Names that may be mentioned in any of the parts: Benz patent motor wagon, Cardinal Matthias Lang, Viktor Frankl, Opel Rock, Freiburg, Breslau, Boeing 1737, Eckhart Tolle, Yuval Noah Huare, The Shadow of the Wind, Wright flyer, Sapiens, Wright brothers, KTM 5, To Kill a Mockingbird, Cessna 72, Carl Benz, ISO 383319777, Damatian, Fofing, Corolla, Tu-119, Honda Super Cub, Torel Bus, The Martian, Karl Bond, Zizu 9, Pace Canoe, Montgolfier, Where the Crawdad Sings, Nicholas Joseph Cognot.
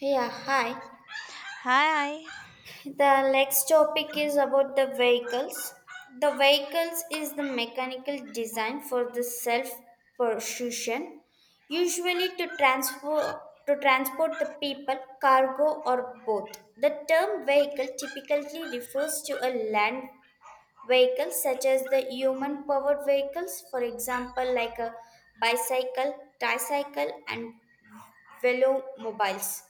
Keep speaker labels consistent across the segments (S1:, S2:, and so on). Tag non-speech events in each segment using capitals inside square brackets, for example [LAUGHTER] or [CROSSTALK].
S1: Yeah, hi.
S2: Hi.
S1: The next topic is about the vehicles. The vehicles is the mechanical design for the self persuasion, usually to transport the people, cargo or both. The term vehicle typically refers to a land vehicle such as the human powered vehicles, for example, like a bicycle, tricycle and velomobiles,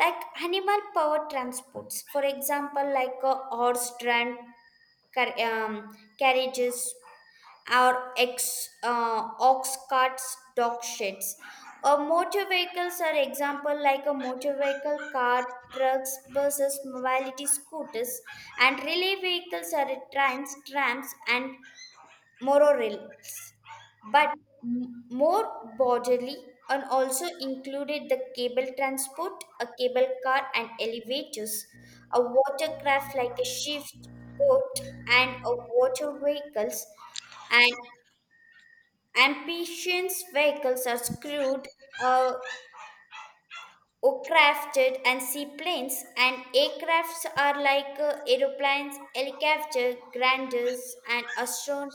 S1: like animal power transports, for example, like a horse drawn carriages, or ox carts, dog sheds, or motor vehicles are example like a motor vehicle car, trucks, buses, mobility scooters, and relay vehicles are trains, trams and morals, but more broadly, and also included the cable transport, a cable car and elevators, a watercraft like a shift boat, and a water vehicles, and amphibians vehicles are screwed. Uh, or crafted and seaplanes and aircrafts are like aeroplanes, helicopter, granders, and astron-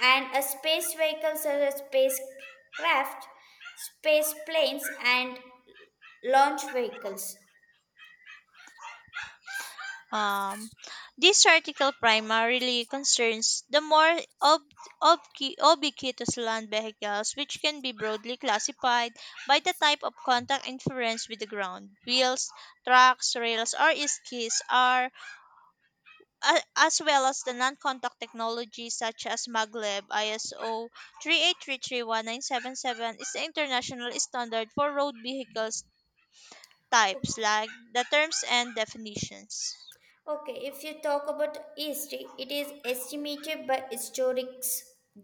S1: and a space vehicles are a spacecraft, space planes, and launch vehicles.
S2: Um, this article primarily concerns the more ubiquitous land vehicles, which can be broadly classified by the type of contact interference with the ground. Wheels, trucks, rails, or skis are, as well as the non-contact technology such as maglev. ISO 383319777 is the international standard for road vehicles types,
S1: Okay,
S2: like the terms and definitions.
S1: okay, if you talk about history, it is estimated by historians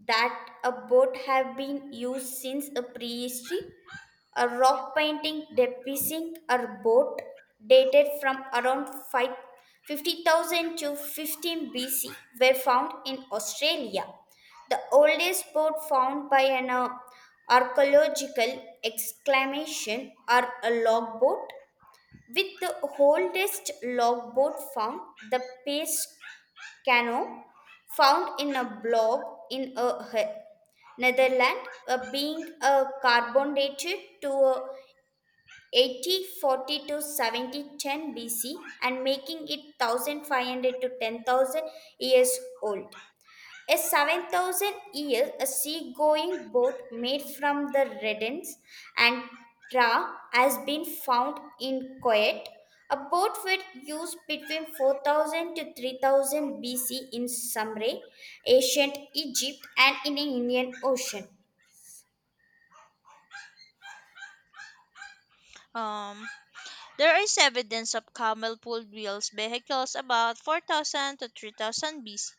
S1: that a boat have been used since a prehistory. A rock painting depicting a boat dated from around five fifty thousand to 15 BC were found in Australia. The oldest boat found by an archaeological exclamation are a logboat, with the oldest logboat found, the Pace Canoe, found in a block in a Netherlands, being carbon dated to 80 40 to 70 10 BC, and making it 1500 to 10,000 years old. A 7,000 year a seagoing boat made from the Redens and Tra has been found in Kuwait. A boat was used between 4000 to 3000 BC in Sumre, ancient Egypt, and in the Indian Ocean.
S2: Um, There is evidence of camel pulled wheels vehicles about 4000 to 3000 BC.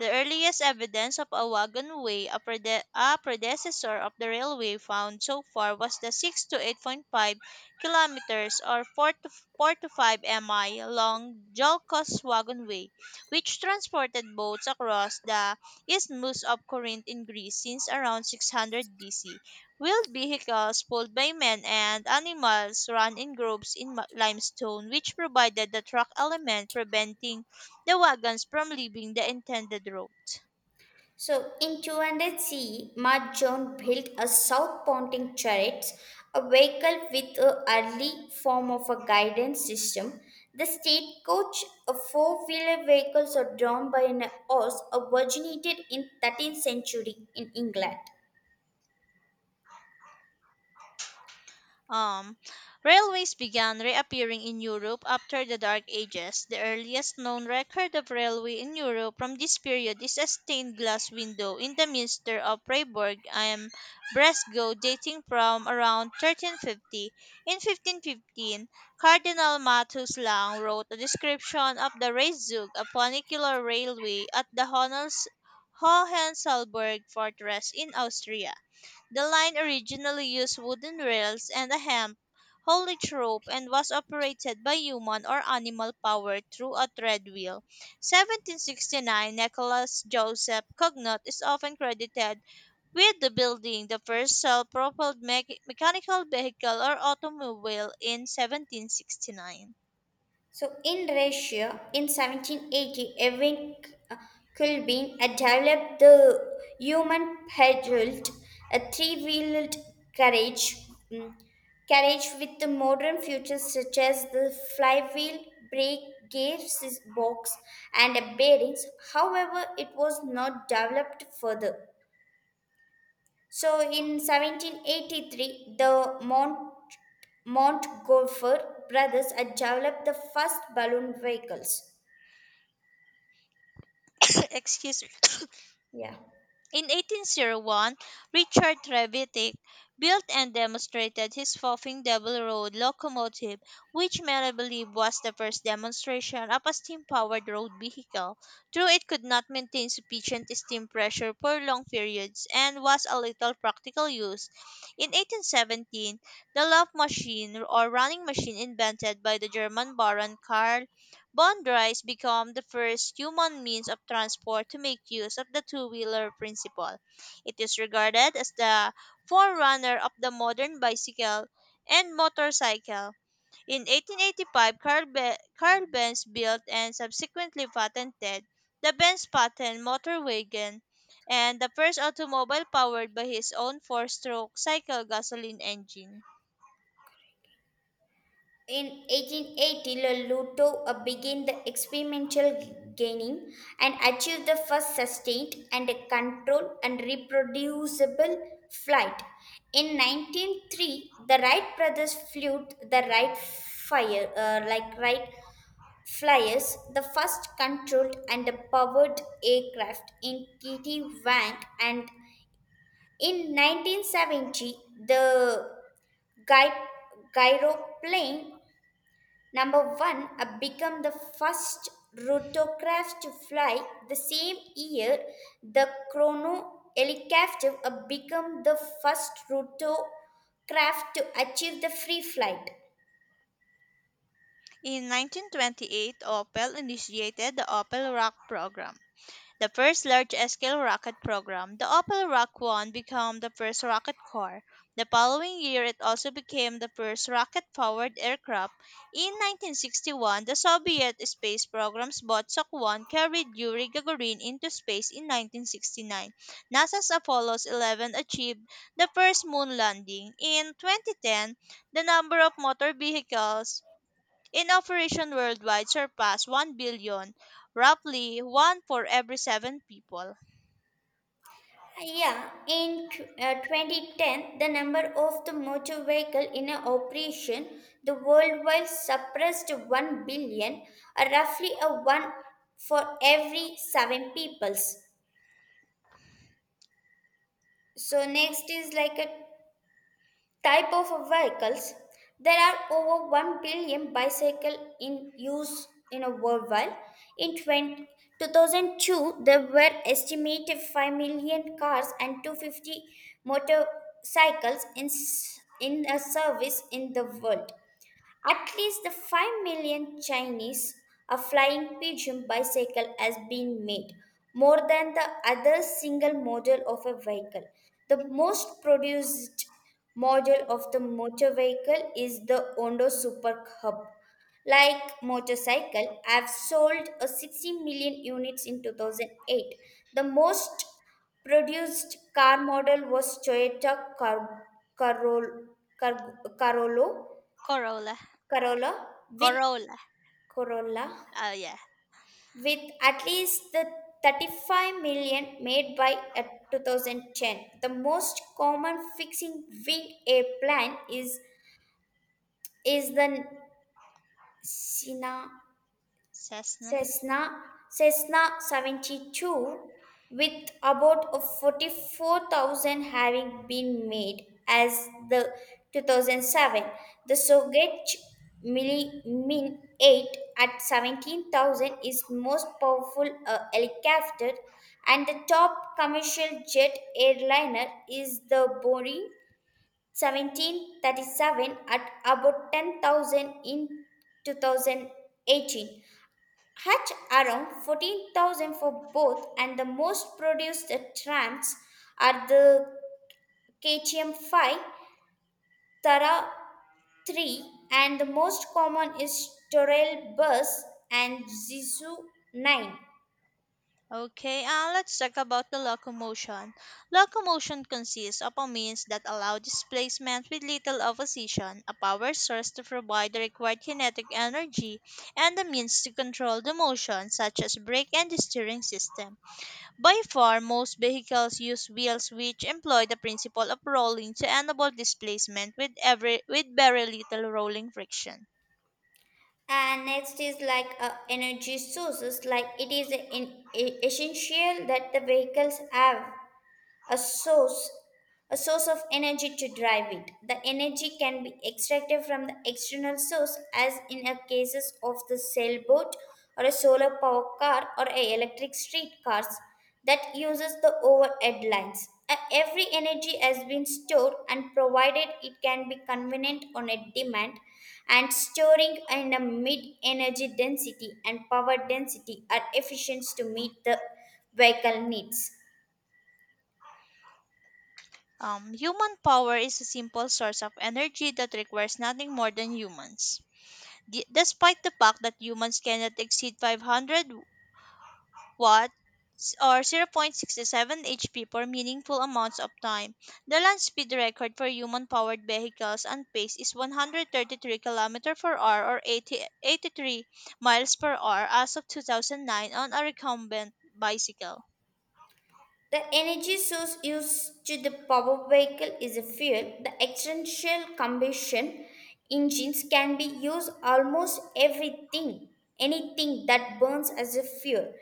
S2: The earliest evidence of a wagonway, a predecessor of the railway found so far was the 6 to 8.5 kilometers or 4 to 5 mi long Jolkos wagonway, which transported boats across the isthmus of Corinth in Greece since around 600 BC. Wheeled vehicles pulled by men and animals ran in groups in limestone, which provided the track element, preventing the wagons from leaving the intended route.
S1: So in 200 CE, John built a south-pointing chariot, a vehicle with an early form of a guidance system. The stagecoach, a four-wheeler vehicle so drawn by an horse, originated in 13th century in England.
S2: Um, Railways began reappearing in Europe after the Dark Ages. The earliest known record of railway in Europe from this period is a stained glass window in the minster of Freiburg and Breslau dating from around 1350. In 1515, Cardinal Matthias Lang wrote a description of the Reichszug, a funicular railway at the Hohensalberg fortress in Austria. The line originally used wooden rails and a hemp haulage rope and was operated by human or animal power through a thread wheel. 1769, Nicholas Joseph Cognot is often credited with the building the first self-propelled mechanical vehicle or automobile in 1769.
S1: So in Russia, in 1780, Erwin Kulbin had developed the human pedaled, a three-wheeled carriage, mm, carriage with the modern features such as the flywheel, brake, gear box, and a bearings. However, it was not developed further. So in 1783, the Montgolfier brothers had developed the first balloon vehicles.
S2: [COUGHS] Excuse me.
S1: Yeah.
S2: In 1801, Richard Trevithick built and demonstrated his Fofing double road locomotive, which many believe was the first demonstration of a steam powered road vehicle. Though it could not maintain sufficient steam pressure for long periods and was of little practical use, in 1817 the Loff machine or running machine invented by the German Baron Karl Bond drives become the first human means of transport to make use of the two wheeler principle. It is regarded as the forerunner of the modern bicycle and motorcycle. In 1885, Carl Benz built and subsequently patented the Benz patent motor wagon and the first automobile powered by his own four stroke cycle gasoline engine.
S1: In 1880, Lotto began the experimental gaining and achieved the first sustained and a controlled and reproducible flight. In 1903, the Wright brothers flew the Wright fire, like Wright flyers, the first controlled and powered aircraft in Kitty Wank. And in 1970, the gy- gyroplane Number one, I became the first rotorcraft to fly. The same year, the chrono helicopter became the first rotorcraft to achieve the free flight.
S2: In 1928, Opel initiated the Opel Rock program, the first large-scale rocket program. The Opal Rock 1 became the first rocket car. The following year, it also became the first rocket-powered aircraft. In 1961, the Soviet space programs Vostok 1 carried Yuri Gagarin into space. In 1969, NASA's Apollo 11 achieved the first moon landing. In 2010, the number of motor vehicles in operation worldwide surpass 1 billion, roughly one for every seven people.
S1: Yeah, in 2010, the number of the motor vehicle in a operation the worldwide suppressed 1 billion, roughly a one for every seven peoples. So next is like a type of vehicles. There are over 1 billion bicycle in use in a worldwide in 2002, there were estimated 5 million cars and 250 motorcycles in a service in the world. At least the 5 million Chinese a flying pigeon bicycle has been made, more than the other single model of a vehicle. The most produced model of the motor vehicle is the Honda Super cub, like motorcycle, have sold a 60 million units in 2008. The most produced car model was Toyota Car- Carol- Car- Carolo
S2: Corolla.
S1: Corolla, with
S2: Corolla.
S1: Corolla
S2: Oh, yeah.
S1: at least the 35 million made by 2010. The most common fixing wing airplane is the Sina
S2: Cessna.
S1: Cessna, Cessna 72, with about 44,000 having been made as the 2007. The Sogech Mili Min 8 at 17,000 is most powerful helicopter, and the top commercial jet airliner is the Boeing 1737 at about 10,000 in 2018. Hatch around 14,000 for both, and the most produced trams are the KTM 5, Tara 3, and the most common is Torel Bus and Zizu 9.
S2: Okay, let's talk about the locomotion. Locomotion consists of a means that allow displacement with little opposition, a power source to provide the required kinetic energy, and the means to control the motion, such as brake and the steering system. By far, most vehicles use wheels which employ the principle of rolling to enable displacement with every with very little rolling friction.
S1: And next is like energy sources, like it is in essential that the vehicles have a source a source of energy to drive it. The energy can be extracted from the external source as in a cases of the sailboat or a solar power car or a electric streetcars that uses the overhead lines. Every energy has been stored and provided, it can be convenient on a demand, and storing in a mid energy density and power density are efficient to meet the vehicle needs.
S2: Human power is a simple source of energy that requires nothing more than humans. Despite the fact that humans cannot exceed 500 watts or 0.67 HP for meaningful amounts of time. The land speed record for human-powered vehicles on pace is 133 km per hour or 83 miles per hour as of 2009 on a recumbent bicycle.
S1: The energy source used to the power vehicle is a fuel. The external combustion engines can be used almost everything, anything that burns as a fuel.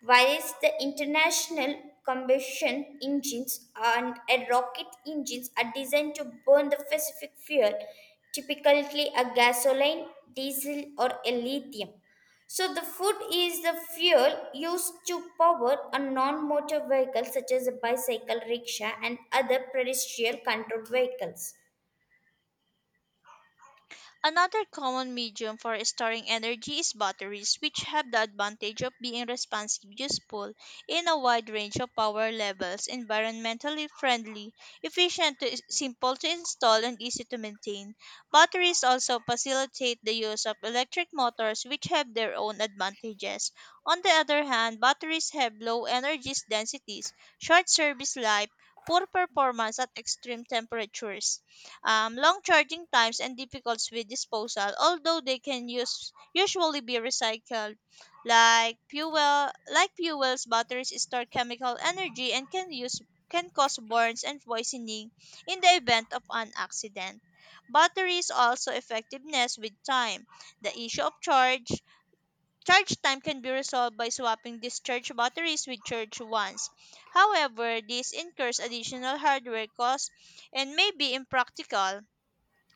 S1: Whereas the international combustion engines and a rocket engines are designed to burn the specific fuel, typically a gasoline, diesel, or a lithium. So the food is the fuel used to power a non-motor vehicle such as a bicycle, rickshaw and other pedestrian controlled vehicles.
S2: Another common medium for storing energy is batteries, which have the advantage of being responsive, useful in a wide range of power levels, environmentally friendly, efficient, simple to install, and easy to maintain. Batteries also facilitate the use of electric motors, which have their own advantages. On the other hand, batteries have low energy densities, short service life, poor performance at extreme temperatures, long charging times, and difficulties with disposal, although they usually be recycled. Like fuel, like fuels, batteries store chemical energy and can cause burns and poisoning in the event of an accident. Batteries also effectiveness with time. The issue of charge time can be resolved by swapping discharged batteries with charged ones. However, this incurs additional hardware costs and may be impractical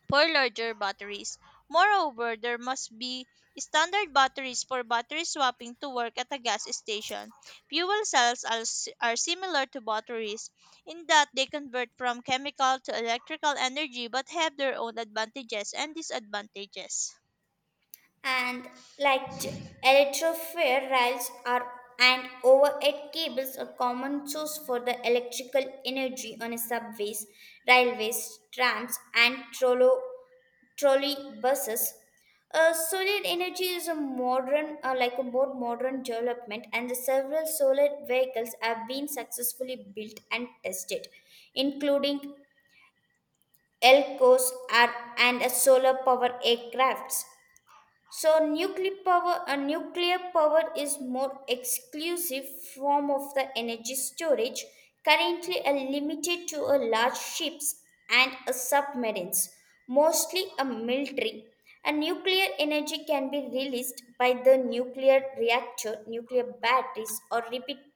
S2: for larger batteries. Moreover, there must be standard batteries for battery swapping to work at a gas station. Fuel cells are similar to batteries in that they convert from chemical to electrical energy but have their own advantages and disadvantages.
S1: And like electrofair rails are, and overhead cables are common source for the electrical energy on a subways, railways, trams and trolley buses. Solar energy is a modern, like a more modern development, and the several solar vehicles have been successfully built and tested, including Elcos and a solar power aircrafts. So nuclear power, a nuclear power is more exclusive form of the energy storage, currently limited to a large ships and a submarines, mostly a military. A nuclear energy can be released by the nuclear reactor, nuclear batteries, or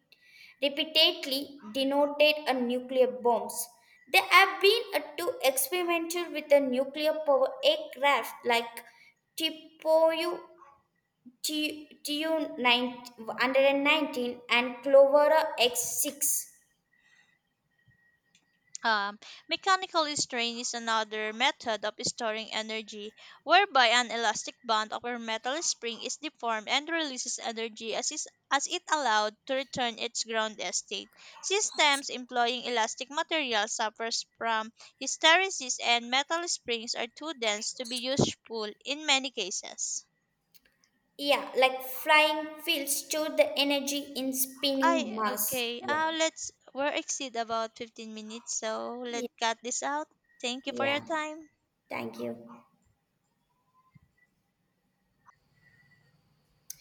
S1: repeatedly denoted a nuclear bombs. They have been to experimental with the nuclear power aircraft like Tipoyu t Tu-119 and Clovera X6.
S2: Um, Mechanical strain is another method of storing energy whereby an elastic band of a metal spring is deformed and releases energy as it allowed to return its ground state. Systems employing elastic material suffers from hysteresis and metal springs are too dense to be useful in many cases.
S1: Yeah, like flying fields store the energy in spinning
S2: I
S1: mass.
S2: okay.
S1: Yeah,
S2: Let's we're exceed about 15 minutes, so let's
S1: yeah,
S2: cut this out. Thank you for your
S1: yeah.
S2: time.
S1: Thank you.